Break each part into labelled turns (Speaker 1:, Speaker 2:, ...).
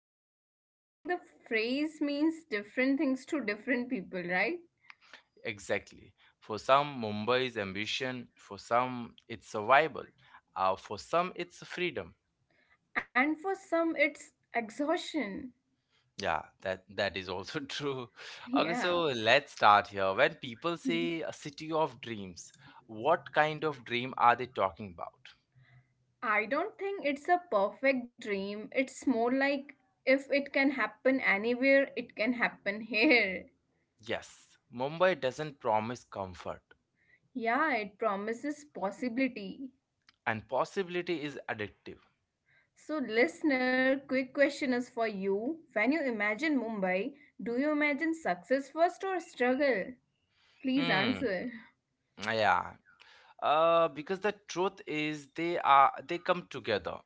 Speaker 1: yeah,
Speaker 2: And I think the phrase means different things to different people, right?
Speaker 1: exactly. For some, Mumbai is ambition. For some, it's survival. For some, it's freedom.
Speaker 2: And for some, it's exhaustion.
Speaker 1: Yeah, that is also true. Okay,
Speaker 2: Yeah.
Speaker 1: so let's start here. When people
Speaker 2: Mhm.
Speaker 1: say a city of dreams, what kind of dream are they talking about?
Speaker 2: I don't think it's a perfect dream. It's more like if it can happen anywhere, it can happen here.
Speaker 1: Yes, Mumbai doesn't promise comfort,
Speaker 2: Yeah, it promises possibility.
Speaker 1: and possibility is addictive.
Speaker 2: So, listener, quick question is for you. When you imagine Mumbai, do you imagine success first or struggle? Please
Speaker 1: Hmm,
Speaker 2: answer.
Speaker 1: yeah. Because the truth is they come together.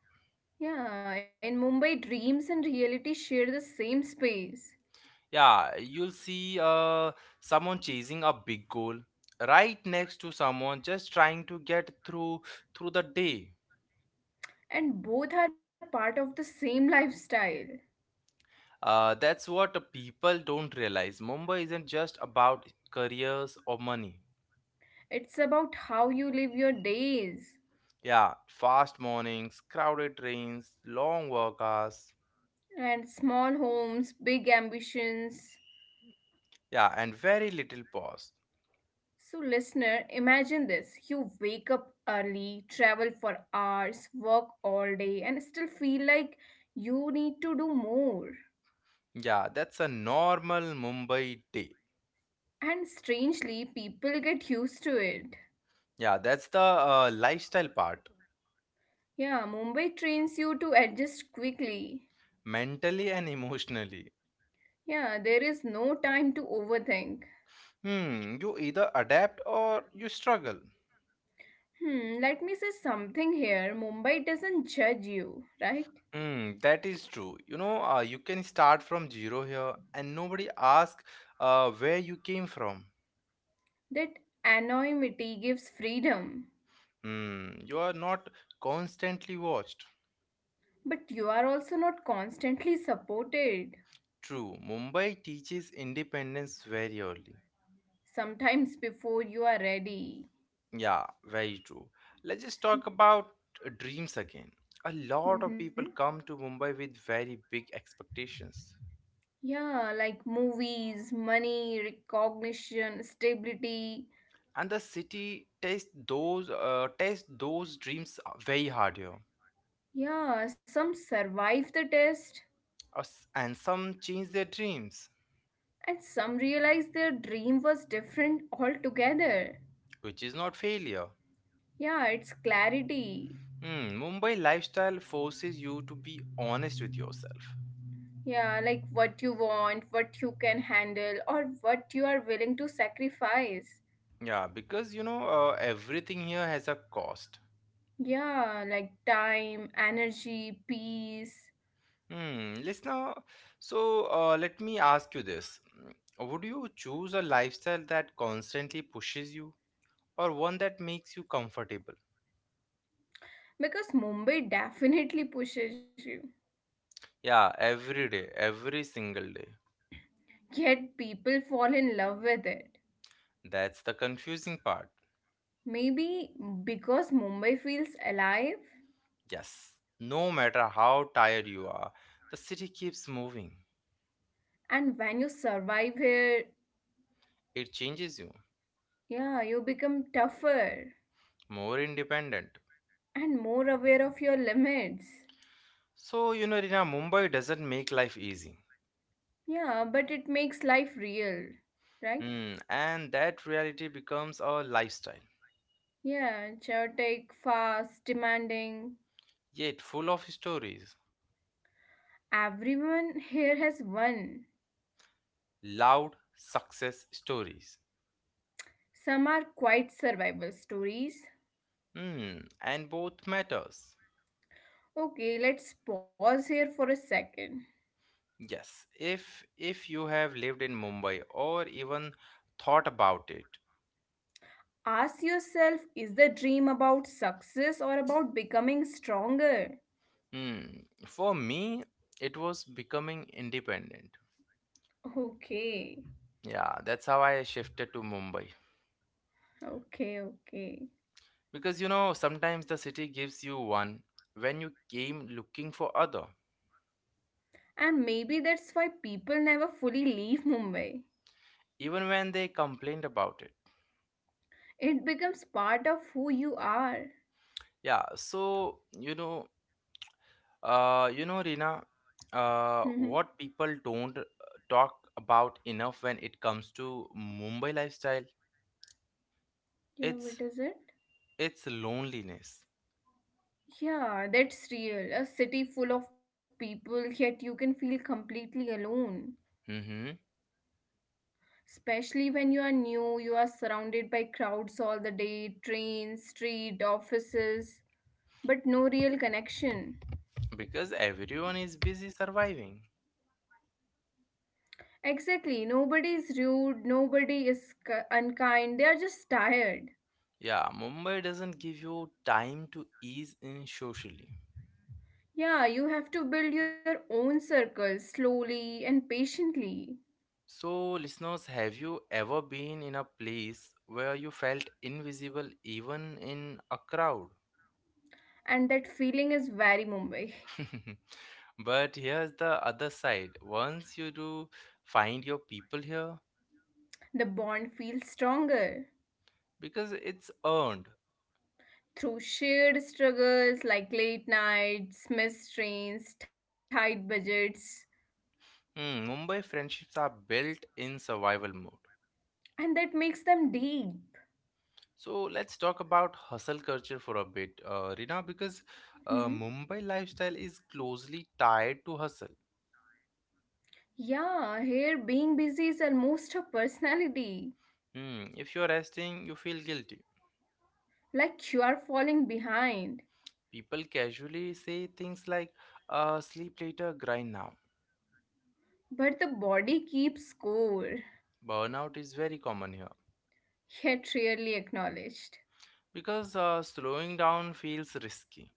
Speaker 2: Yeah, in Mumbai, dreams and reality share the same space,
Speaker 1: Yeah, you'll see someone chasing a big goal right next to someone just trying to get through the day.
Speaker 2: and both are part of the same lifestyle.
Speaker 1: That's what people don't realize. Mumbai isn't just about careers or money.
Speaker 2: It's about how you live your days
Speaker 1: Yeah, fast mornings, crowded trains, long work hours.
Speaker 2: and small homes, big ambitions.
Speaker 1: Yeah, and very little pause.
Speaker 2: So, listener, imagine this you wake up early, travel for hours, work all day, and still feel like you need to do more.
Speaker 1: Yeah, that's a normal Mumbai day.
Speaker 2: And strangely, people get used to it.
Speaker 1: Yeah, that's the lifestyle part,
Speaker 2: Yeah, Mumbai trains you to adjust quickly.
Speaker 1: mentally and emotionally.
Speaker 2: Yeah, there is no time to overthink.
Speaker 1: Hmm, you either adapt or you struggle.
Speaker 2: Hmm, let me say something here. Mumbai doesn't judge you, right?
Speaker 1: Hmm, that is true. You know, you can start from zero here and nobody asks where you came from.
Speaker 2: That anonymity gives freedom.
Speaker 1: Hmm, you are not constantly watched.
Speaker 2: But you are also not constantly supported.
Speaker 1: True, Mumbai teaches independence very early.
Speaker 2: Sometimes before you are ready.
Speaker 1: Yeah, very true. Let's just talk about dreams again. A lot of
Speaker 2: Mm-hmm.
Speaker 1: people come to Mumbai with very big expectations.
Speaker 2: Yeah, like movies, money, recognition, stability.
Speaker 1: And the city tests those dreams very hard here.
Speaker 2: Yeah, some survive the test
Speaker 1: And some change their dreams,
Speaker 2: and some realize their dream was different altogether.
Speaker 1: which is not failure.
Speaker 2: Yeah, it's clarity.
Speaker 1: Hmm, Mumbai lifestyle forces you to be honest with yourself.
Speaker 2: Yeah, like what you want, what you can handle, or what you are willing to sacrifice.
Speaker 1: Yeah, because you know everything here has a cost.
Speaker 2: Yeah, like time, energy, peace.
Speaker 1: Hmm, listener, so let me ask you this: would you choose a lifestyle that constantly pushes you, or one that makes you comfortable?
Speaker 2: Because Mumbai definitely pushes you.
Speaker 1: Yeah, every day, every single day.
Speaker 2: Yet people fall in love with it.
Speaker 1: That's the confusing part.
Speaker 2: Maybe because Mumbai feels alive,
Speaker 1: Yes, no matter how tired you are, the city keeps moving.
Speaker 2: and when you survive here,
Speaker 1: It changes you,
Speaker 2: yeah, you become tougher
Speaker 1: more independent.
Speaker 2: and more aware of your limits.
Speaker 1: So, you know, Rina, Mumbai doesn't make life easy.
Speaker 2: Yeah, but it makes life real, right?
Speaker 1: Hmm, and that reality becomes a lifestyle,
Speaker 2: Yeah, chaotic, fast, demanding.
Speaker 1: yet full of stories,
Speaker 2: Everyone here has one.
Speaker 1: loud success stories.
Speaker 2: Some are quite survival stories.
Speaker 1: Hmm, and both matters.
Speaker 2: Okay, let's pause here for a second.
Speaker 1: Yes, if you have lived in Mumbai or even thought about it.
Speaker 2: Ask yourself is the dream about success or about becoming stronger?
Speaker 1: Hmm, for me, it was becoming independent.
Speaker 2: Okay,
Speaker 1: Yeah, that's how I shifted to Mumbai.
Speaker 2: okay, okay.
Speaker 1: Because you know, sometimes the city gives you one when you came looking for other,
Speaker 2: And maybe that's why people never fully leave Mumbai.
Speaker 1: even when they complained about it.
Speaker 2: It becomes part of who you are.
Speaker 1: Yeah, so you know, Rina, what people don't talk about enough when it comes to Mumbai lifestyle,
Speaker 2: Yeah, what
Speaker 1: it's
Speaker 2: is it?
Speaker 1: it's loneliness.
Speaker 2: Yeah, that's real. A city full of people, yet you can feel completely alone.
Speaker 1: Mm-hmm.
Speaker 2: Especially when you are new, you are surrounded by crowds all the day, trains, street, offices, but no real connection.
Speaker 1: Because everyone is busy surviving.
Speaker 2: Exactly, nobody is rude, nobody is unkind, they are just tired.
Speaker 1: Yeah, Mumbai doesn't give you time to ease in socially.
Speaker 2: Yeah, you have to build your own circle slowly and patiently.
Speaker 1: So, listeners, have you ever been in a place where you felt invisible even in a crowd?
Speaker 2: And that feeling is very Mumbai.
Speaker 1: But here's the other side. Once you do find your people here,
Speaker 2: The bond feels stronger.
Speaker 1: because it's earned.
Speaker 2: Through shared struggles like late nights, missed trains, tight budgets,
Speaker 1: Hmm, Mumbai friendships are built in survival mode.
Speaker 2: and that makes them deep.
Speaker 1: So let's talk about hustle culture for a bit, Rina, because
Speaker 2: Hmm.
Speaker 1: Mumbai lifestyle is closely tied to hustle.
Speaker 2: Yeah, here being busy is almost a personality,
Speaker 1: Hmm, if you're resting, you feel guilty.
Speaker 2: like you are falling behind.
Speaker 1: People casually say things like sleep later, grind now.
Speaker 2: But the body keeps score,
Speaker 1: Burnout is very common here
Speaker 2: yet rarely acknowledged.
Speaker 1: because slowing down feels risky.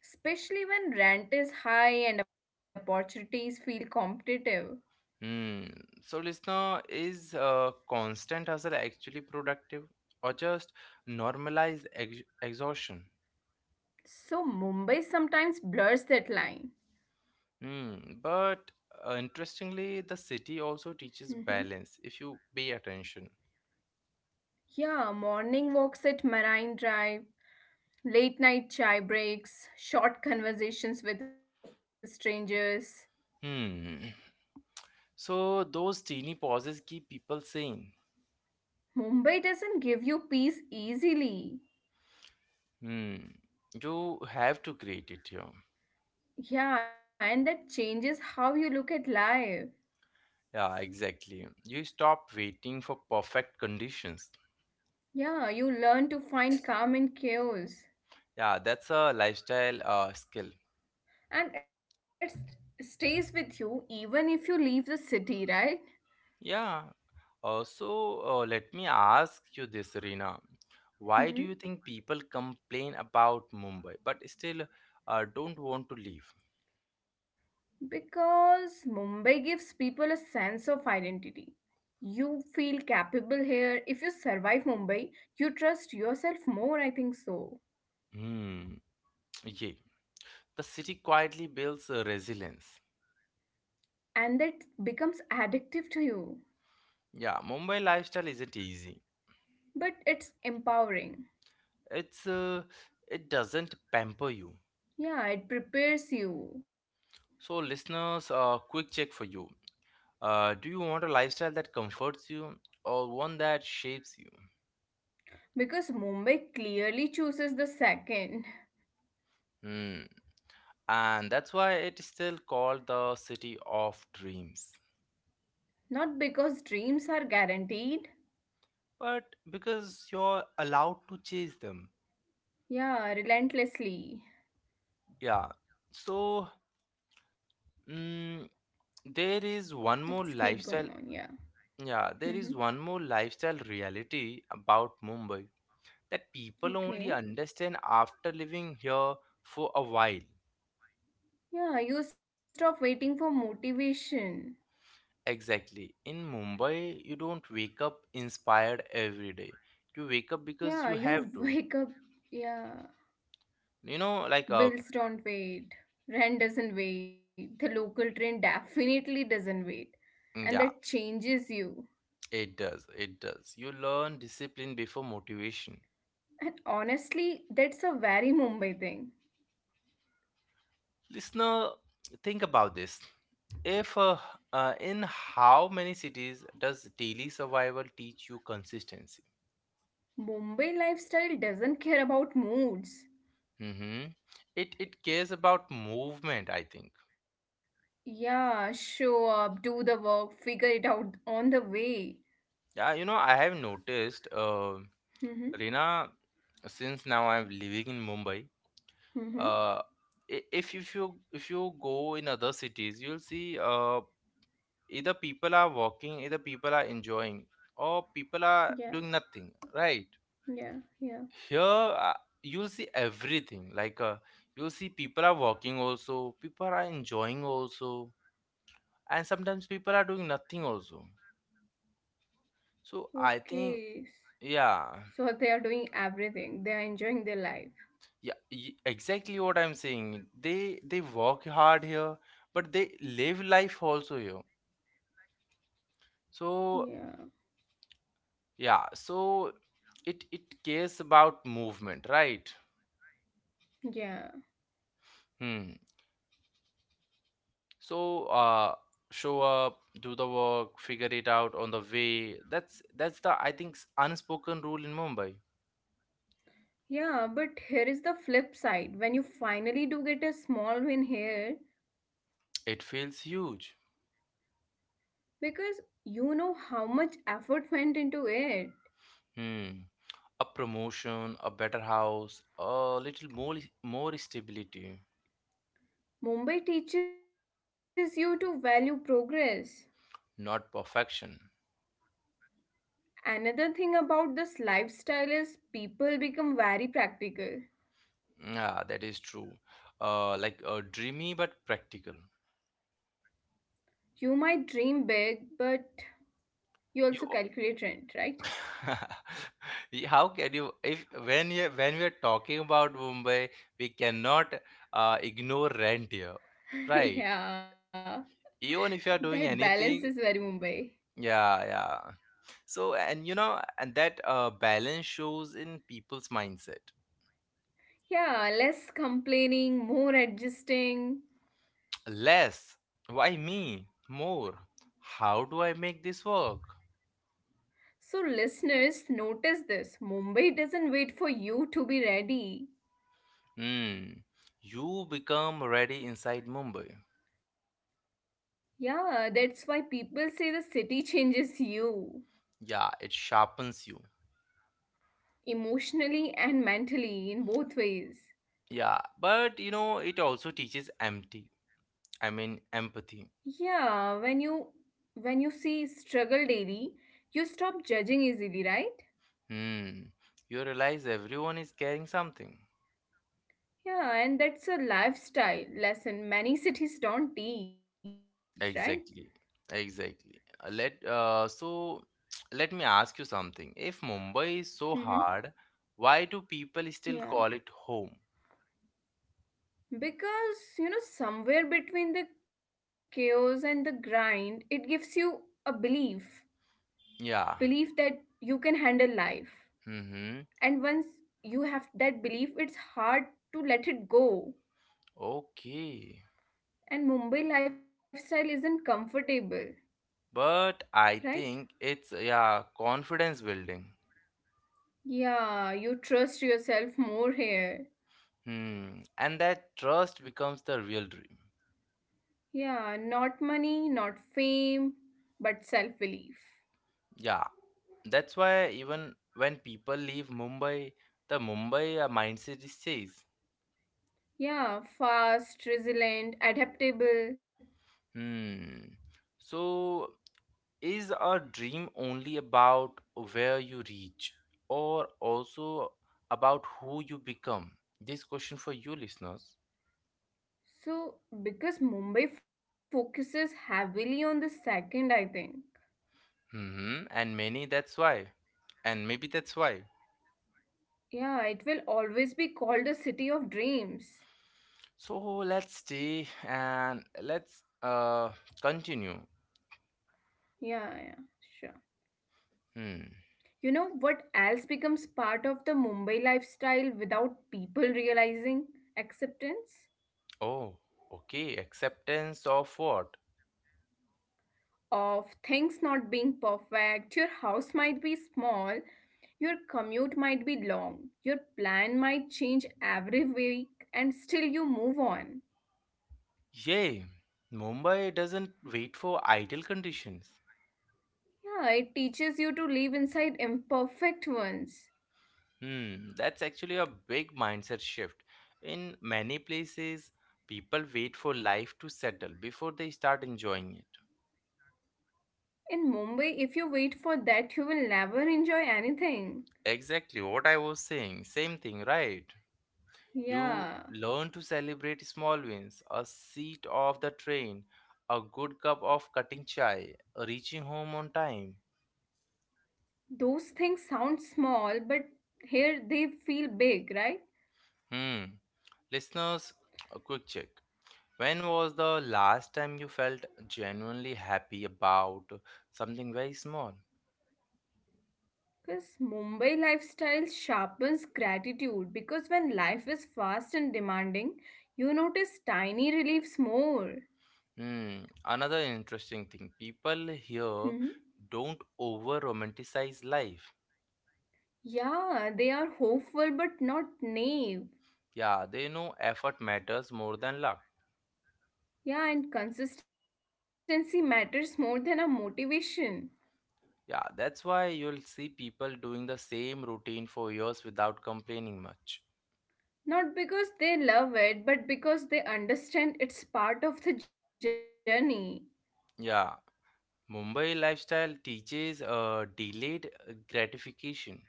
Speaker 2: Especially when rent is high and opportunities feel competitive.
Speaker 1: Hmm. So, listener, is constant hustle actually productive or just normalized exhaustion?
Speaker 2: So Mumbai sometimes blurs that line.
Speaker 1: Hmm. But interestingly, the city also teaches balance if you pay attention.
Speaker 2: Yeah, morning walks at Marine Drive, late night chai breaks, short conversations with strangers.
Speaker 1: Hmm. So, those teeny pauses keep people sane.
Speaker 2: Mumbai doesn't give you peace easily.
Speaker 1: Hmm. You have to create it here.
Speaker 2: Yeah, and that changes how you look at life.
Speaker 1: Yeah, exactly. You stop waiting for perfect conditions.
Speaker 2: Yeah, you learn to find calm in chaos.
Speaker 1: Yeah, that's a lifestyle skill.
Speaker 2: And it stays with you even if you leave the city, right?
Speaker 1: Yeah. Also, let me ask you this, Reena. Why do you think
Speaker 2: Hmm.
Speaker 1: people complain about Mumbai but still don't want to leave?
Speaker 2: Because Mumbai gives people a sense of identity. You feel capable here. If you survive Mumbai, you trust yourself more, I think so.
Speaker 1: Hmm. Yeah. The city quietly builds resilience.
Speaker 2: And that becomes addictive to you.
Speaker 1: Yeah, Mumbai lifestyle isn't easy.
Speaker 2: But it's empowering.
Speaker 1: It's uh, it doesn't pamper you.
Speaker 2: Yeah, it prepares you.
Speaker 1: So, listeners, quick check for you. Do you want a lifestyle that comforts you or one that shapes you?
Speaker 2: Because Mumbai clearly chooses the second.
Speaker 1: Hmm. And that's why it is still called the city of dreams.
Speaker 2: Not because dreams are guaranteed.
Speaker 1: But because you're allowed to chase them.
Speaker 2: Yeah, relentlessly.
Speaker 1: Yeah. So, mm, there is one
Speaker 2: Let's
Speaker 1: more
Speaker 2: keep going
Speaker 1: lifestyle.
Speaker 2: on, yeah.
Speaker 1: Yeah, there is
Speaker 2: Hmm.
Speaker 1: one more lifestyle reality about Mumbai that people only
Speaker 2: Okay.
Speaker 1: understand after living here for a while.
Speaker 2: Yeah, you stop waiting for motivation.
Speaker 1: Exactly. In Mumbai, you don't wake up inspired every day. You wake up because you
Speaker 2: Yeah,
Speaker 1: have
Speaker 2: you
Speaker 1: to.
Speaker 2: wake up. Yeah,
Speaker 1: You know, like uh
Speaker 2: bills don't wait. Rent doesn't wait. The local train definitely doesn't wait.
Speaker 1: mm,
Speaker 2: And
Speaker 1: yeah,
Speaker 2: that changes you.
Speaker 1: it does. It does. You learn discipline before motivation.
Speaker 2: And honestly, that's a very Mumbai thing.
Speaker 1: Listener, think about this. If In how many cities does daily survival teach you consistency?
Speaker 2: Mumbai lifestyle doesn't care about moods.
Speaker 1: Mm-hmm. It cares about movement, I think.
Speaker 2: Yeah, show up, do the work, figure it out on the way.
Speaker 1: Yeah, you know, I have noticed,
Speaker 2: Mm-hmm.
Speaker 1: Reena, since now I'm living in Mumbai.
Speaker 2: Mm-hmm.
Speaker 1: uh, i- if you- if you if you go in other cities you'll see either people are walking either people are enjoying or people are
Speaker 2: Yeah,
Speaker 1: doing nothing, right?
Speaker 2: yeah, yeah.
Speaker 1: Here you'll see everything like you'll see people are walking also, people are enjoying also, and sometimes people are doing nothing also, so I think
Speaker 2: Okay.
Speaker 1: yeah,
Speaker 2: So they are doing everything. They are enjoying their life.
Speaker 1: exactly what I'm saying. They work hard here but they live life also here,
Speaker 2: Yeah,
Speaker 1: so yeah. So it cares about movement, right?
Speaker 2: yeah,
Speaker 1: Hmm. So show up, do the work, figure it out on the way. That's the, I think, unspoken rule in Mumbai.
Speaker 2: yeah. But here is the flip side when you finally do get a small win here,
Speaker 1: It feels huge.
Speaker 2: because you know how much effort went into it.
Speaker 1: Hmm. A promotion, a better house, a little more stability,
Speaker 2: Mumbai teaches you to value progress.
Speaker 1: not perfection.
Speaker 2: Another thing about this lifestyle is people become very practical.
Speaker 1: Yeah, that is true. Like dreamy but practical.
Speaker 2: You might dream big, but you
Speaker 1: You
Speaker 2: also calculate rent, right?
Speaker 1: How can you, if when you, when we are talking about Mumbai, we cannot ignore rent here, right?
Speaker 2: Yeah,
Speaker 1: Even if you are doing
Speaker 2: that balance is
Speaker 1: anything,
Speaker 2: very Mumbai.
Speaker 1: yeah, yeah. So and you know, and that balance shows in people's mindset.
Speaker 2: Yeah, less complaining, more adjusting.
Speaker 1: Less, why me? More, how do I make this work?
Speaker 2: So, listeners, notice this Mumbai doesn't wait for you to be ready.
Speaker 1: Hmm. You become ready inside Mumbai.
Speaker 2: Yeah, that's why people say the city changes you
Speaker 1: Yeah, it sharpens you.
Speaker 2: emotionally and mentally in both ways.
Speaker 1: Yeah, but you know, it also teaches empty. I mean, empathy.
Speaker 2: Yeah, when you see struggle daily, you stop judging easily, right?
Speaker 1: Hmm. You realize everyone is carrying something.
Speaker 2: Yeah, and that's a lifestyle lesson many cities don't teach, right?
Speaker 1: Exactly. Exactly. Let so let me ask you something. If Mumbai is so
Speaker 2: Mhm.
Speaker 1: hard, why do people
Speaker 2: Yeah.
Speaker 1: still call it home?
Speaker 2: Because, you know, somewhere between the chaos and the grind, it gives you a belief, belief
Speaker 1: Yeah.
Speaker 2: that you can handle life.
Speaker 1: Mm-hmm.
Speaker 2: And once you have that belief, it's hard to let it go.
Speaker 1: Okay.
Speaker 2: And Mumbai lifestyle isn't comfortable,
Speaker 1: But I
Speaker 2: right?
Speaker 1: think it's, yeah, confidence building.
Speaker 2: Yeah, you trust yourself more here.
Speaker 1: Hmm. And that trust becomes the real dream.
Speaker 2: Yeah, not money, not fame, but self belief.
Speaker 1: Yeah. That's why even when people leave Mumbai, the Mumbai mindset stays.
Speaker 2: Yeah, fast, resilient, adaptable.
Speaker 1: Hmm. So is a dream only about where you reach or also about who you become? This question for you, listeners.
Speaker 2: So, because Mumbai focuses heavily on the second, I think.
Speaker 1: Hmm, and many that's why. And maybe that's why.
Speaker 2: Yeah, it will always be called a city of dreams.
Speaker 1: So let's stay and let's continue.
Speaker 2: Yeah, yeah, sure.
Speaker 1: Hmm.
Speaker 2: You know what else becomes part of the Mumbai lifestyle without people realizing? Acceptance
Speaker 1: Oh, okay. Acceptance of what?
Speaker 2: of things not being perfect. Your house might be small, your commute might be long, your plan might change every week, and still you move on.
Speaker 1: Yay! Mumbai doesn't wait for ideal conditions.
Speaker 2: Yeah, it teaches you to live inside imperfect ones.
Speaker 1: Hmm, that's actually a big mindset shift. In many places, people wait for life to settle before they start enjoying it.
Speaker 2: In Mumbai, if you wait for that, you will never enjoy anything.
Speaker 1: Exactly what I was saying. Same thing, right? You
Speaker 2: Yeah,
Speaker 1: learn to celebrate small wins, a seat of the train, a good cup of cutting chai, reaching home on time.
Speaker 2: those things sound small, but here they feel big, right?
Speaker 1: Hmm. Listeners, a quick check. When was the last time you felt genuinely happy about something very small?
Speaker 2: Because Mumbai lifestyle sharpens gratitude. Because when life is fast and demanding, you notice tiny reliefs more.
Speaker 1: Hmm, another interesting thing. People here
Speaker 2: Hmm.
Speaker 1: don't over romanticize life.
Speaker 2: Yeah, they are hopeful but not naive.
Speaker 1: Yeah, they know effort matters more than luck.
Speaker 2: Yeah, and consistency matters more than a motivation.
Speaker 1: Yeah, that's why you'll see people doing the same routine for years without complaining much.
Speaker 2: Not because they love it, but because they understand it's part of the journey.
Speaker 1: Yeah, Mumbai lifestyle teaches delayed gratification.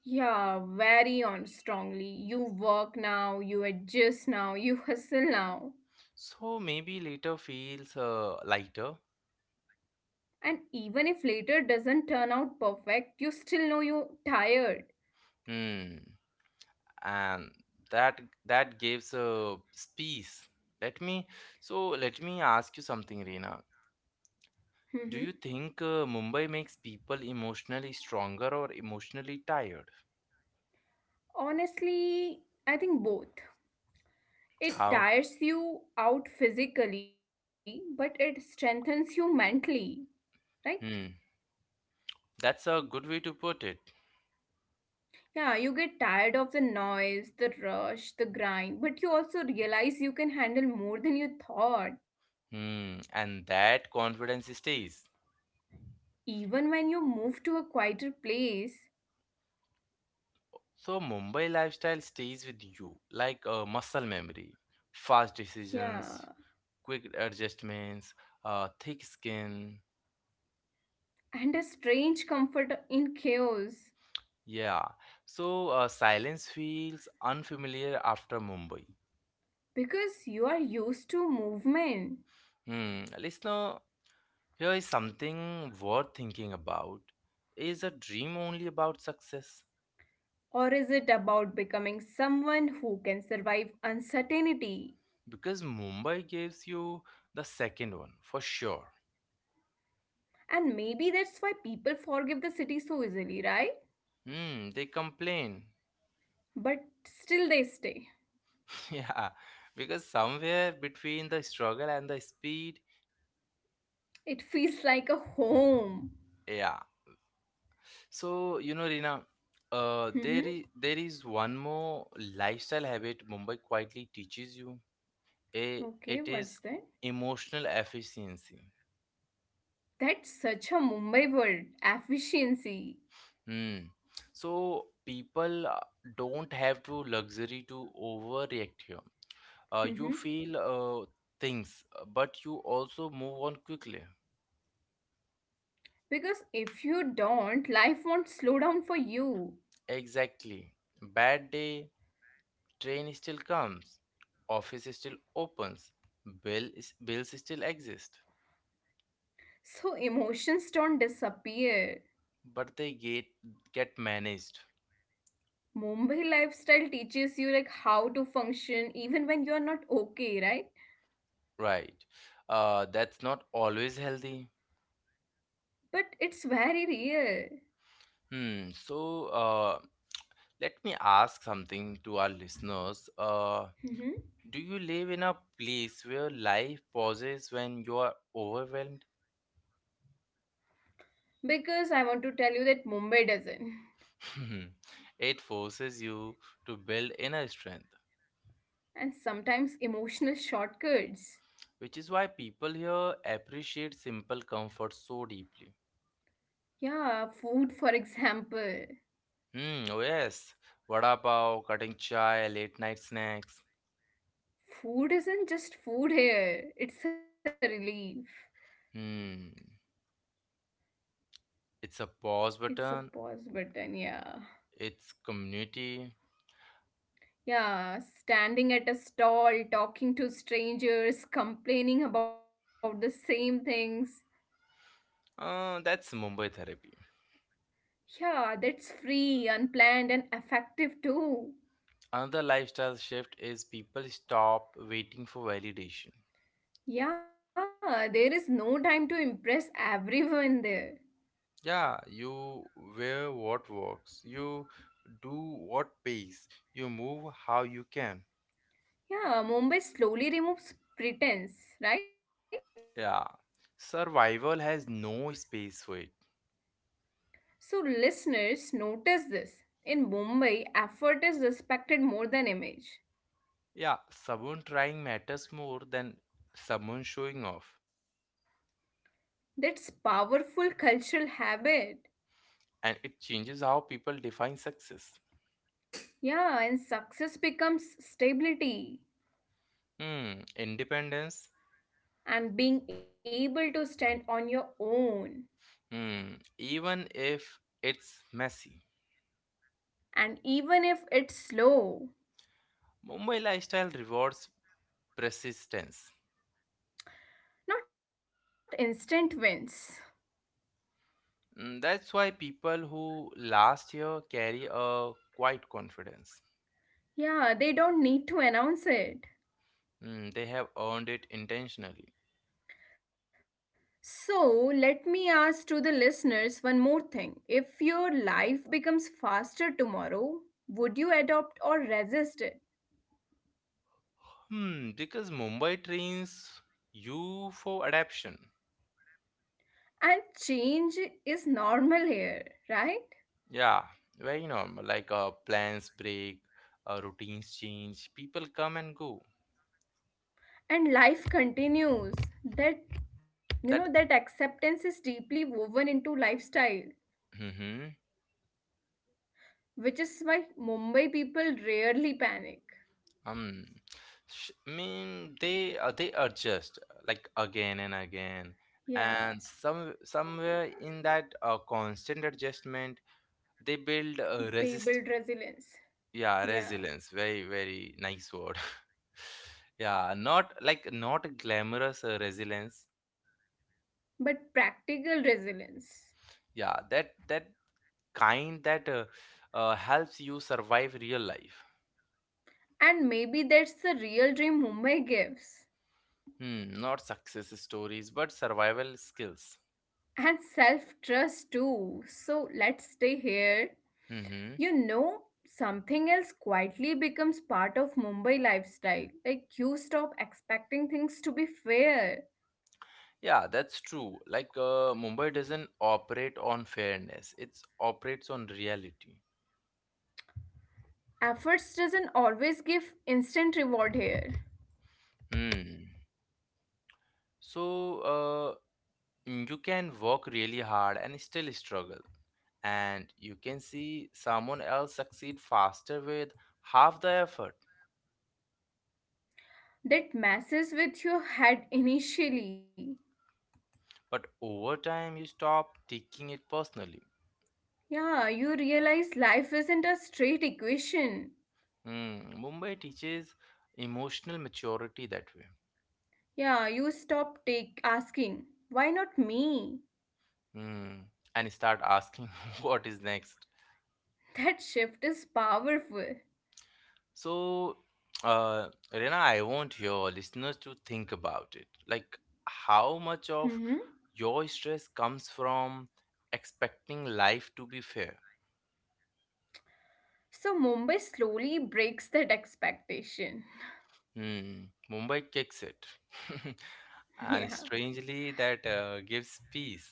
Speaker 2: Yeah, very on strongly. You work now, you adjust now, you hustle now.
Speaker 1: So maybe later feels lighter.
Speaker 2: And even if later doesn't turn out perfect, you still know you're tired.
Speaker 1: Hmm. And that gives a space. Let me so let me ask you something, Reena.
Speaker 2: Mm-hmm.
Speaker 1: Do you think Mumbai makes people emotionally stronger or emotionally tired?
Speaker 2: Honestly, I think both. It
Speaker 1: How?
Speaker 2: tires you out physically, but it strengthens you mentally, right?
Speaker 1: Hmm, that's a good way to put it.
Speaker 2: Yeah, you get tired of the noise, the rush, the grind, but you also realize you can handle more than you thought,
Speaker 1: Hmm, and that confidence stays.
Speaker 2: even when you move to a quieter place.
Speaker 1: So Mumbai lifestyle stays with you like a muscle memory, fast decisions,
Speaker 2: Yeah,
Speaker 1: quick adjustments, thick skin.
Speaker 2: and a strange comfort in chaos
Speaker 1: Yeah, so silence feels unfamiliar after Mumbai.
Speaker 2: because you are used to movement.
Speaker 1: Hmm, listener, here is something worth thinking about. Is a dream only about success?
Speaker 2: Or is it about becoming someone who can survive uncertainty?
Speaker 1: Because Mumbai gives you the second one for sure.
Speaker 2: And maybe that's why people forgive the city so easily, right?
Speaker 1: Hmm, they complain.
Speaker 2: But still they stay.
Speaker 1: Yeah, because somewhere between the struggle and the speed,
Speaker 2: It feels like a home.
Speaker 1: yeah. So, you know, Rina,
Speaker 2: Hmm.
Speaker 1: there is one more lifestyle habit Mumbai quietly teaches you. It is
Speaker 2: Okay, what's that?
Speaker 1: emotional efficiency.
Speaker 2: That's such a Mumbai word, efficiency.
Speaker 1: Hmm. So people don't have to luxury to overreact here. You feel
Speaker 2: Mhm.
Speaker 1: things, but you also move on quickly.
Speaker 2: Because if you don't, life won't slow down for you.
Speaker 1: Exactly. Bad day, train still comes, office still opens, bills still exist,
Speaker 2: So emotions don't disappear.
Speaker 1: but they get managed.
Speaker 2: Mumbai lifestyle teaches you like how to function even when you're not okay, right?
Speaker 1: Right. That's not always healthy.
Speaker 2: But it's very real.
Speaker 1: Hmm. So, let me ask something to our listeners.
Speaker 2: Mhm.
Speaker 1: Do you live in a place where life pauses when you are overwhelmed?
Speaker 2: Because I want to tell you that Mumbai doesn't.
Speaker 1: it forces you to build inner strength,
Speaker 2: And sometimes emotional shortcuts.
Speaker 1: which is why people here appreciate simple comfort so deeply.
Speaker 2: Yeah, food for example.
Speaker 1: Hmm, oh yes, vada pav, cutting chai, late night snacks.
Speaker 2: Food isn't just food here. It's a relief.
Speaker 1: Hmm, it's a pause
Speaker 2: It's a
Speaker 1: button,
Speaker 2: pause button, yeah.
Speaker 1: it's community.
Speaker 2: Yeah, standing at a stall, talking to strangers, complaining about the same things.
Speaker 1: That's Mumbai therapy.
Speaker 2: Yeah, that's free, unplanned, and effective too.
Speaker 1: Another lifestyle shift is people stop waiting for validation.
Speaker 2: Yeah, there is no time to impress everyone there.
Speaker 1: Yeah, you wear what works, you do what pays, you move how you can.
Speaker 2: Yeah, Mumbai slowly removes pretense, right?
Speaker 1: Yeah, survival has no space for it.
Speaker 2: So, listeners, notice this. In Mumbai, effort is respected more than image.
Speaker 1: Yeah, someone trying matters more than someone showing off,
Speaker 2: That's powerful cultural habit.
Speaker 1: and it changes how people define success.
Speaker 2: Yeah, and success becomes stability
Speaker 1: Hmm, independence.
Speaker 2: and being able to stand on your own.
Speaker 1: Hmm, even if it's messy.
Speaker 2: And even if it's slow,
Speaker 1: Mumbai lifestyle rewards persistence.
Speaker 2: not instant wins.
Speaker 1: Mm, that's why people who last year carry a quiet confidence.
Speaker 2: Yeah, they don't need to announce it.
Speaker 1: Mm, they have earned it intentionally.
Speaker 2: So, let me ask to the listeners one more thing. If your life becomes faster tomorrow, would you adopt or resist it?
Speaker 1: Hmm, because Mumbai trains you for adaptation.
Speaker 2: And change is normal here, right?
Speaker 1: Yeah, very normal. Plans break, routines change, people come and go.
Speaker 2: And life continues that that
Speaker 1: That
Speaker 2: acceptance is deeply woven into lifestyle,
Speaker 1: mm-hmm,
Speaker 2: which is why mumbai people rarely panic.
Speaker 1: um, mean they adjust like again and
Speaker 2: Yeah,
Speaker 1: again, and somewhere in that constant adjustment they build
Speaker 2: they build
Speaker 1: resist.
Speaker 2: resilience.
Speaker 1: Yeah,
Speaker 2: Yeah,
Speaker 1: resilience. Very, very nice word. Yeah, not like not glamorous resilience.
Speaker 2: but practical resilience.
Speaker 1: Yeah, that kind that helps you survive real life.
Speaker 2: And maybe that's the real dream mumbai gives,
Speaker 1: Hmm, not success stories, but survival skills.
Speaker 2: and self trust too. So let's stay here.
Speaker 1: Mm-hmm.
Speaker 2: You know, something else quietly becomes part of Mumbai lifestyle. Like you stop expecting things to be fair.
Speaker 1: Yeah, that's true. Mumbai doesn't operate on fairness; it operates on reality.
Speaker 2: Efforts doesn't always give instant reward here.
Speaker 1: Hmm. So, uh, you can work really hard and still struggle, and you can see someone else succeed faster with half the effort,
Speaker 2: That messes with your head initially.
Speaker 1: but over time you stop taking it personally.
Speaker 2: Yeah, you realize life isn't a straight equation.
Speaker 1: Hmm, Mumbai teaches emotional maturity that way.
Speaker 2: Yeah, you stop take asking, why not me?
Speaker 1: Hmm, and start asking what is next.
Speaker 2: That shift is powerful.
Speaker 1: so Rena, I want your listeners to think about it, like, how much
Speaker 2: Hmm.
Speaker 1: of your stress comes from expecting life to be fair.
Speaker 2: So Mumbai slowly breaks that expectation.
Speaker 1: Hmm, Mumbai kicks it. And
Speaker 2: Yeah.
Speaker 1: strangely, that gives peace.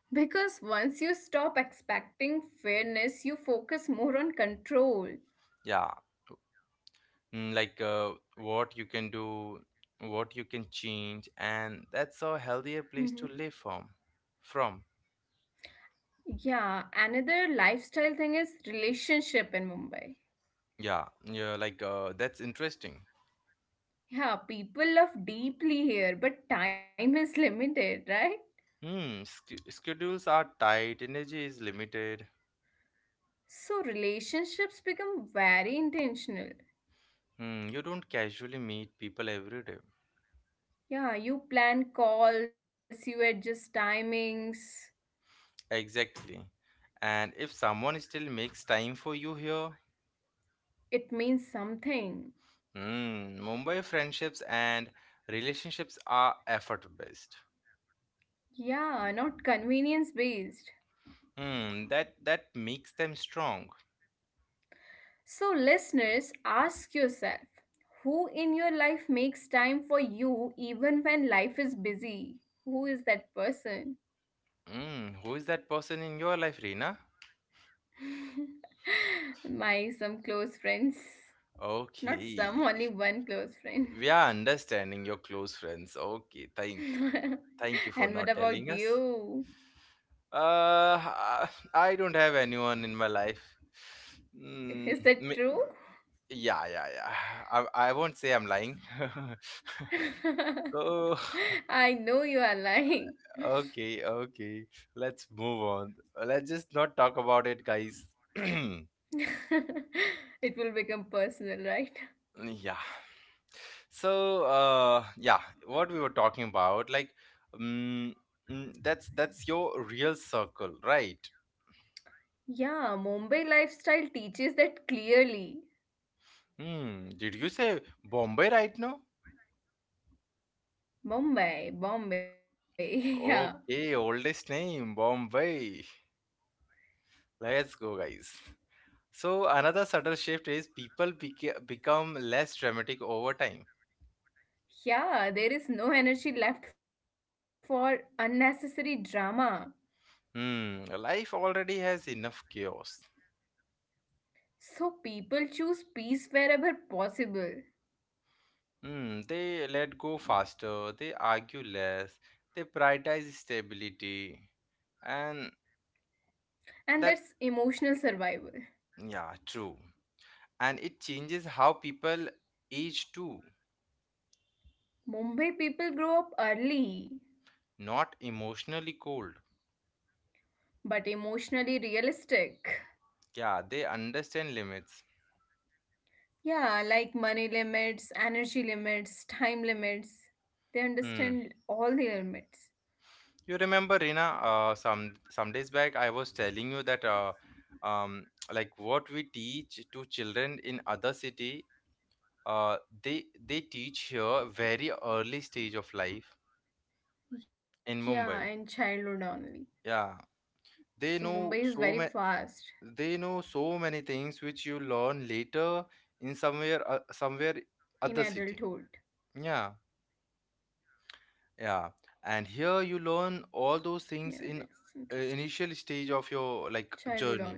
Speaker 2: Because once you stop expecting fairness, you focus more on control.
Speaker 1: Yeah. Mm, like what you can do, what you can change, and that's a
Speaker 2: Mhm.
Speaker 1: healthier place to live from. From.
Speaker 2: Yeah, another lifestyle thing is relationship in Mumbai.
Speaker 1: Yeah. Yeah. That's interesting.
Speaker 2: Yeah, people love deeply here, but time is limited, right?
Speaker 1: Hmm. Schedules are tight, energy is limited.
Speaker 2: So relationships become very intentional.
Speaker 1: Hmm. You don't casually meet people every day.
Speaker 2: Yeah, you plan calls, you adjust timings.
Speaker 1: Exactly. And if someone still makes time for you here,
Speaker 2: It means something.
Speaker 1: hmm, Mumbai friendships and relationships are effort based.
Speaker 2: Yeah, not convenience based.
Speaker 1: Hmm, that makes them strong.
Speaker 2: So, listeners, ask yourself who in your life makes time for you even when life is busy? Who is that person?
Speaker 1: Hmm, who is that person in your life, Reena?
Speaker 2: My some close friends. Not some,
Speaker 1: Okay,
Speaker 2: only one close friend.
Speaker 1: we are understanding your close friends. Okay, thank you for
Speaker 2: And what
Speaker 1: not
Speaker 2: about
Speaker 1: telling us.
Speaker 2: you?
Speaker 1: Uh, I don't have anyone in my life. Mm,
Speaker 2: Is that true?
Speaker 1: yeah, yeah, yeah. I won't say I'm lying. So
Speaker 2: I know you are lying.
Speaker 1: okay, okay. Let's move on. Let's just not talk about it, guys.
Speaker 2: It will become personal, right?
Speaker 1: Yeah. Yeah, what we were talking about, like, um, that's your real circle, right?
Speaker 2: Yeah, Mumbai lifestyle teaches that clearly.
Speaker 1: Hmm. Did you say Bombay right now?
Speaker 2: Mumbai, Bombay, yeah.
Speaker 1: Okay, oldest name, Bombay. Let's go, guys. So another subtle shift is become less dramatic over time.
Speaker 2: Yeah, there is no energy left for unnecessary drama.
Speaker 1: Hmm, life already has enough chaos.
Speaker 2: So people choose peace wherever possible.
Speaker 1: Mm, they let go faster, they argue less, they prioritize stability. And
Speaker 2: And that's
Speaker 1: that,
Speaker 2: emotional survival.
Speaker 1: yeah, true. And it changes how people age too,
Speaker 2: Mumbai people grow up early,
Speaker 1: not emotionally cold.
Speaker 2: but emotionally realistic.
Speaker 1: Yeah, they understand limits.
Speaker 2: Yeah, like money limits, energy limits, time limits. They
Speaker 1: Hmm.
Speaker 2: understand all the limits.
Speaker 1: You remember, Rina, some days back I was telling you that like what we teach to children in other city, uh, they teach here very early stage of life in
Speaker 2: Yeah,
Speaker 1: Mumbai.
Speaker 2: in childhood only.
Speaker 1: Yeah, they
Speaker 2: So
Speaker 1: know
Speaker 2: Mumbai is
Speaker 1: so many.
Speaker 2: very fast
Speaker 1: They know so many things which you learn later in somewhere, other
Speaker 2: in
Speaker 1: city.
Speaker 2: adulthood.
Speaker 1: Yeah, yeah. And here you learn all
Speaker 2: Yeah,
Speaker 1: those things
Speaker 2: that's
Speaker 1: in
Speaker 2: interesting.
Speaker 1: initial stage of your like
Speaker 2: Childhood only.
Speaker 1: journey.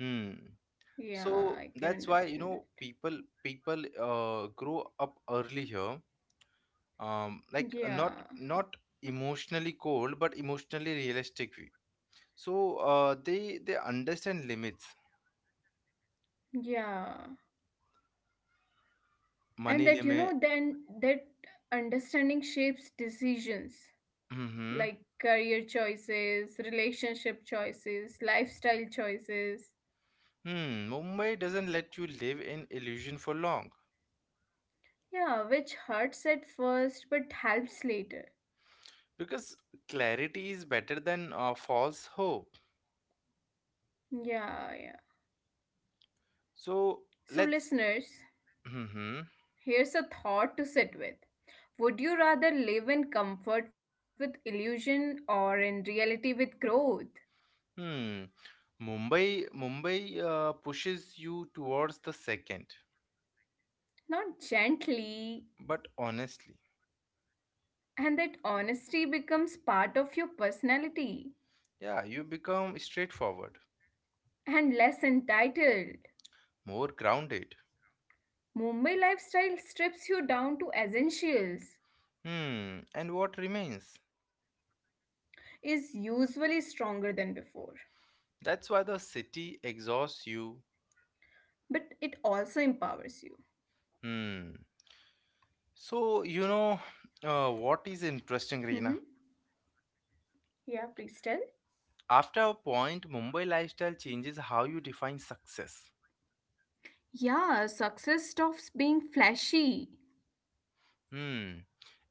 Speaker 1: Hmm.
Speaker 2: Yeah, I
Speaker 1: So
Speaker 2: can
Speaker 1: that's why
Speaker 2: understand
Speaker 1: you
Speaker 2: that.
Speaker 1: know people grow up early here. Like
Speaker 2: Yeah,
Speaker 1: not emotionally cold, but emotionally realistic. Way. So they understand limits,
Speaker 2: yeah. And
Speaker 1: money
Speaker 2: that, you
Speaker 1: limit.
Speaker 2: know, then that understanding shapes decisions
Speaker 1: Mm-hmm.
Speaker 2: like career choices, relationship choices, lifestyle choices.
Speaker 1: Hmm. Mumbai doesn't let you live in illusion for long
Speaker 2: Yeah, which hurts at first but helps later.
Speaker 1: because clarity is better than false hope.
Speaker 2: Yeah, yeah.
Speaker 1: So
Speaker 2: So,
Speaker 1: let's.
Speaker 2: listeners,
Speaker 1: Mm-hmm.
Speaker 2: here's a thought to sit with. Would you rather live in comfort with illusion or in reality with growth?
Speaker 1: Hmm. Mumbai pushes you towards the second,
Speaker 2: Not gently,
Speaker 1: but honestly,
Speaker 2: and that honesty becomes part of your personality
Speaker 1: yeah, you become straightforward,
Speaker 2: and less entitled.
Speaker 1: more grounded.
Speaker 2: Mumbai lifestyle strips you down to essentials,
Speaker 1: Hmm. And what remains?
Speaker 2: is usually stronger than before,
Speaker 1: That's why the city exhausts you.
Speaker 2: but it also empowers you.
Speaker 1: Hmm. So you know what is
Speaker 2: Mhm.
Speaker 1: interesting, Reena?
Speaker 2: Yeah, please tell.
Speaker 1: After a point, Mumbai lifestyle changes how you define success.
Speaker 2: Yeah, success stops being flashy
Speaker 1: Hmm.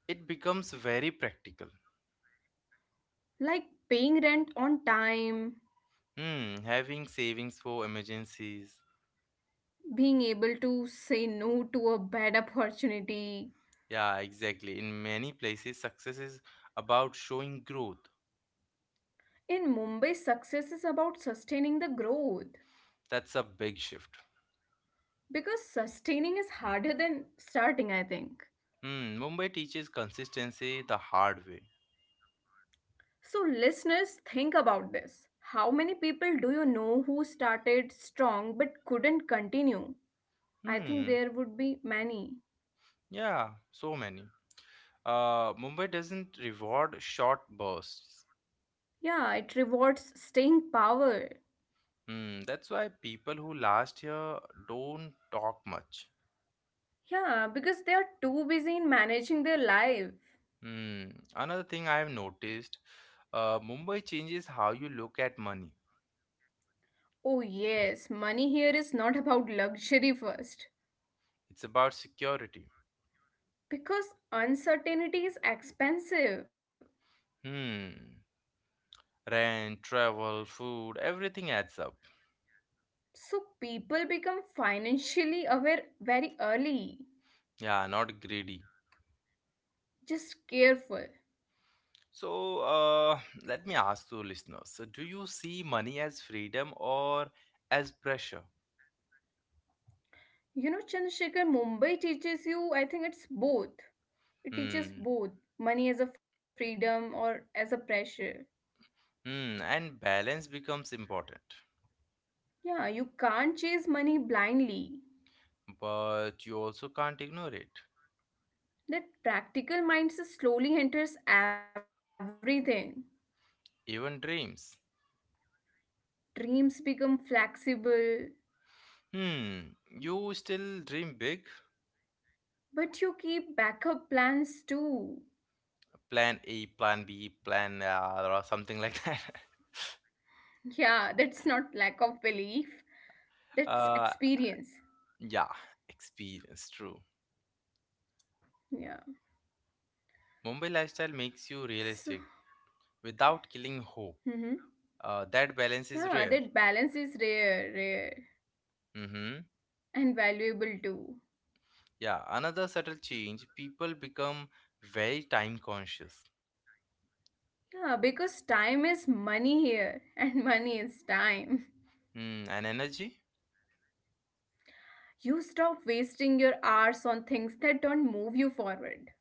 Speaker 1: It becomes very practical.
Speaker 2: like paying rent on time,
Speaker 1: Hmm. Having savings for emergencies.
Speaker 2: being able to say no to a bad opportunity.
Speaker 1: Yeah, exactly. In many places, success is about showing growth.
Speaker 2: In Mumbai, success is about sustaining the growth
Speaker 1: That's a big shift.
Speaker 2: because sustaining is harder than starting, I think.
Speaker 1: Hmm. Mumbai teaches consistency the hard way.
Speaker 2: So, listeners, think about this. How many people do you know who started strong but couldn't continue? I think
Speaker 1: Hmm.
Speaker 2: there would be many.
Speaker 1: Yeah, so many. Mumbai doesn't reward short bursts.
Speaker 2: Yeah, it rewards staying power.
Speaker 1: Hmm. That's why people who last here don't talk much.
Speaker 2: Yeah, because they are too busy in managing their life.
Speaker 1: Hmm. Another thing I have noticed, Mumbai changes how you look at money.
Speaker 2: Oh, yes, money here is not about luxury first
Speaker 1: It's about security.
Speaker 2: because uncertainty is expensive.
Speaker 1: Hmm. Rent, travel, food, everything adds up.
Speaker 2: So people become financially aware very early.
Speaker 1: Yeah, not greedy.
Speaker 2: Just careful.
Speaker 1: So, uh, Let me ask you, listeners, so do you see money as freedom or as pressure?
Speaker 2: You know, Chandrasekhar, Mumbai teaches you, I think it's both. It
Speaker 1: Hmm.
Speaker 2: teaches both money as a freedom or as a pressure.
Speaker 1: Hmm. And balance becomes important.
Speaker 2: Yeah, you can't chase money blindly.
Speaker 1: But you also can't ignore it.
Speaker 2: That practical mindset slowly enters everything.
Speaker 1: Even dreams.
Speaker 2: Dreams become flexible,
Speaker 1: Hmm. You still dream big?
Speaker 2: but you keep backup plans too.
Speaker 1: Plan A, plan B, plan or something like that.
Speaker 2: Yeah, that's not lack of belief, that's
Speaker 1: Uh,
Speaker 2: experience.
Speaker 1: yeah, experience, true.
Speaker 2: Yeah.
Speaker 1: Mumbai lifestyle makes you
Speaker 2: So,
Speaker 1: realistic without killing hope.
Speaker 2: hmm,
Speaker 1: That balance
Speaker 2: yeah,
Speaker 1: is rare.
Speaker 2: that balance is rare, rare,
Speaker 1: Mm-hmm.
Speaker 2: and valuable too.
Speaker 1: Yeah, another subtle change, people become very time conscious.
Speaker 2: Yeah, because time is money here, and money is time.
Speaker 1: Mm, and energy?
Speaker 2: You stop wasting your hours on things that don't move you forward.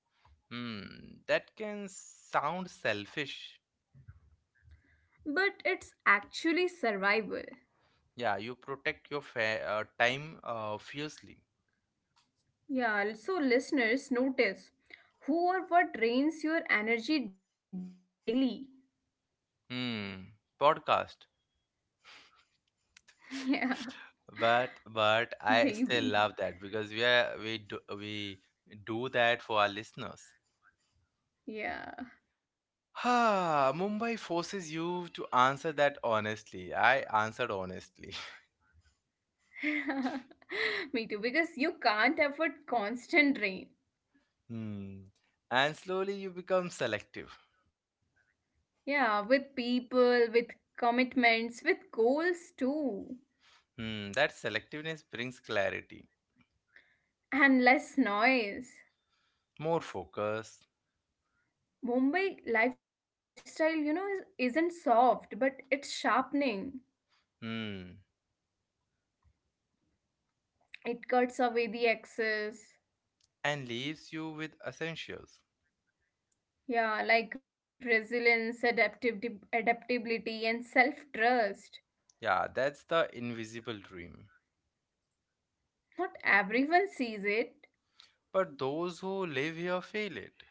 Speaker 1: Mm, that can sound selfish.
Speaker 2: But it's actually survival.
Speaker 1: Yeah, you protect your time fiercely.
Speaker 2: Yeah, so listeners, notice who or what drains your energy daily.
Speaker 1: Hmm. Podcast.
Speaker 2: Yeah,
Speaker 1: But I still
Speaker 2: maybe.
Speaker 1: love that because we are we do that for our listeners.
Speaker 2: Yeah.
Speaker 1: Ah, Mumbai forces you to answer that honestly. I answered honestly.
Speaker 2: Me too, because you can't afford constant rain.
Speaker 1: Hmm. And slowly you become selective.
Speaker 2: Yeah, with people, with commitments, with goals too,
Speaker 1: Hmm. That selectiveness brings clarity,
Speaker 2: and less noise.
Speaker 1: more focus.
Speaker 2: Mumbai lifestyle, you know, is, isn't soft, but it's sharpening.
Speaker 1: Hmm.
Speaker 2: It cuts away the excess.
Speaker 1: And leaves you with essentials.
Speaker 2: Yeah, like resilience, adaptib adaptability, and self-trust.
Speaker 1: Yeah, that's the invisible dream.
Speaker 2: Not everyone sees it.
Speaker 1: But those who live here fail it.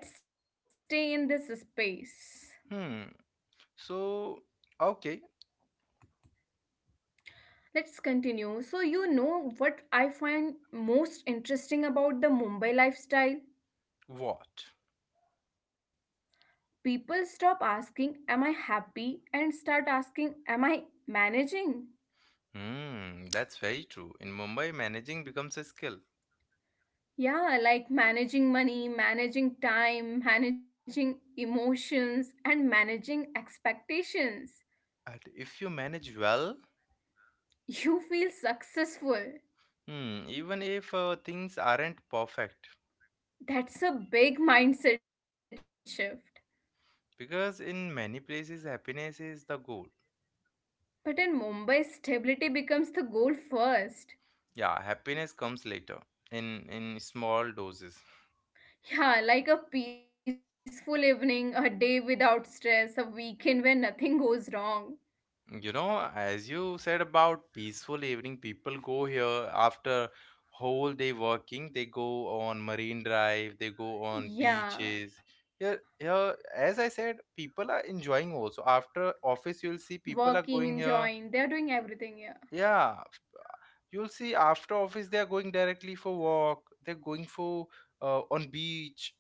Speaker 2: So let's stay in this space.
Speaker 1: Hmm. So, okay,
Speaker 2: Let's continue. So, you know what I find most interesting about the Mumbai lifestyle?
Speaker 1: what?
Speaker 2: People stop asking, am I happy? And start asking, am I managing?
Speaker 1: Hmm, that's very true. In Mumbai, managing becomes a skill.
Speaker 2: Yeah, like managing money, managing time, managing emotions, and managing expectations.
Speaker 1: And if you manage well,
Speaker 2: You feel successful.
Speaker 1: hmm, even if things aren't perfect,
Speaker 2: That's a big mindset shift.
Speaker 1: because in many places happiness is the goal.
Speaker 2: But in Mumbai, stability becomes the goal first.
Speaker 1: Yeah, happiness comes later in small doses.
Speaker 2: Yeah, like a peaceful evening, a day without stress, a weekend where nothing goes wrong.
Speaker 1: You know, as you said about peaceful evening, people go here after whole day working. They go on marine drive, they go on beaches.
Speaker 2: Yeah,
Speaker 1: Here, here, as I said, people are enjoying also. After office, you'll see people are going
Speaker 2: working,
Speaker 1: here.
Speaker 2: enjoying, they are doing everything. Yeah,
Speaker 1: Yeah, you'll see after office they are going directly for walk. They're going for on beach.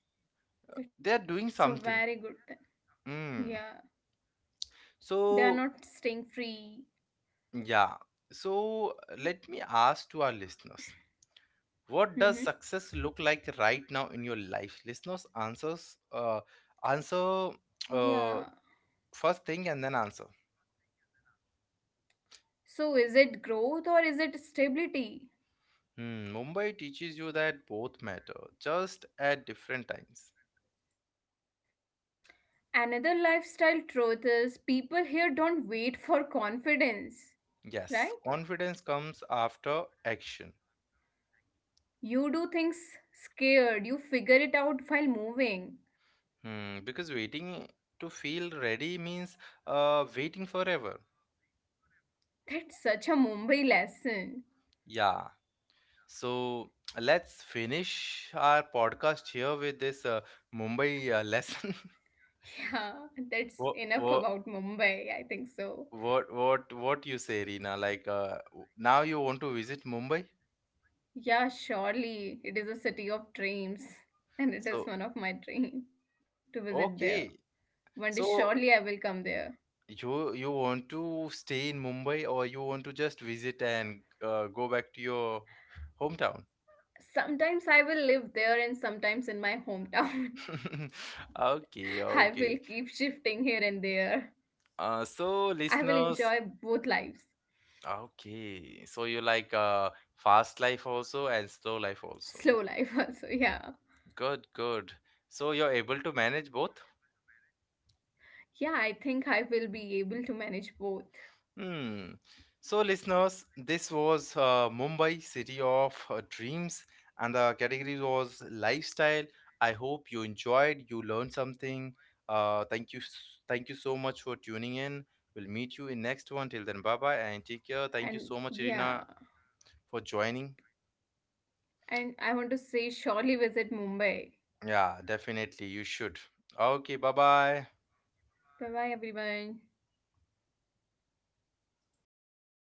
Speaker 1: They are doing
Speaker 2: that's a
Speaker 1: something.
Speaker 2: very good thing.
Speaker 1: Mm.
Speaker 2: Yeah,
Speaker 1: So
Speaker 2: they are not staying free.
Speaker 1: yeah. So let me ask to our listeners, what does success look
Speaker 2: Mm-hmm.
Speaker 1: like right now in your life? Listeners, answers, answer
Speaker 2: Yeah.
Speaker 1: uh, first thing and then answer.
Speaker 2: So, is it growth or is it stability?
Speaker 1: Hmm, Mumbai teaches you that both matter, just at different times.
Speaker 2: Another lifestyle truth is people here don't wait for confidence,
Speaker 1: Yes,
Speaker 2: right?
Speaker 1: confidence comes after action.
Speaker 2: You do things scared, you figure it out while moving.
Speaker 1: Hmm, because waiting to feel ready means waiting forever.
Speaker 2: That's such a Mumbai lesson.
Speaker 1: Yeah. So let's finish our podcast here with this Mumbai lesson.
Speaker 2: Yeah, that's
Speaker 1: Wha-
Speaker 2: enough
Speaker 1: wha-
Speaker 2: about Mumbai, I think so.
Speaker 1: What what you say, Reena? Now you want to visit Mumbai?
Speaker 2: Yeah, surely it is a city of dreams,
Speaker 1: So
Speaker 2: and it is one of my dream to visit there.
Speaker 1: okay.
Speaker 2: One day,
Speaker 1: So
Speaker 2: surely I will come there.
Speaker 1: you want to stay in Mumbai or you want to just visit and go back to your hometown?
Speaker 2: Sometimes I will live there, and sometimes in my hometown. I will keep
Speaker 1: Okay,
Speaker 2: shifting
Speaker 1: okay.
Speaker 2: here and there. I will
Speaker 1: So
Speaker 2: enjoy both
Speaker 1: listeners,
Speaker 2: lives.
Speaker 1: okay. So you like fast life also and slow life
Speaker 2: Slow
Speaker 1: also.
Speaker 2: life also, yeah.
Speaker 1: Good, good. So you're able to manage both?
Speaker 2: Yeah, I think I will be able to manage both.
Speaker 1: Hmm. So, listeners, this was Mumbai, city of dreams, and the category was lifestyle. I hope you enjoyed, you learned something. Thank you, thank you so much for tuning in. We'll meet you in next one. Till then, bye bye and take care. Thank
Speaker 2: And
Speaker 1: you so much,
Speaker 2: yeah,
Speaker 1: Irina, for joining.
Speaker 2: and I want to say, surely visit Mumbai.
Speaker 1: Yeah, definitely, you should. Okay, bye bye.
Speaker 2: Bye bye, everyone.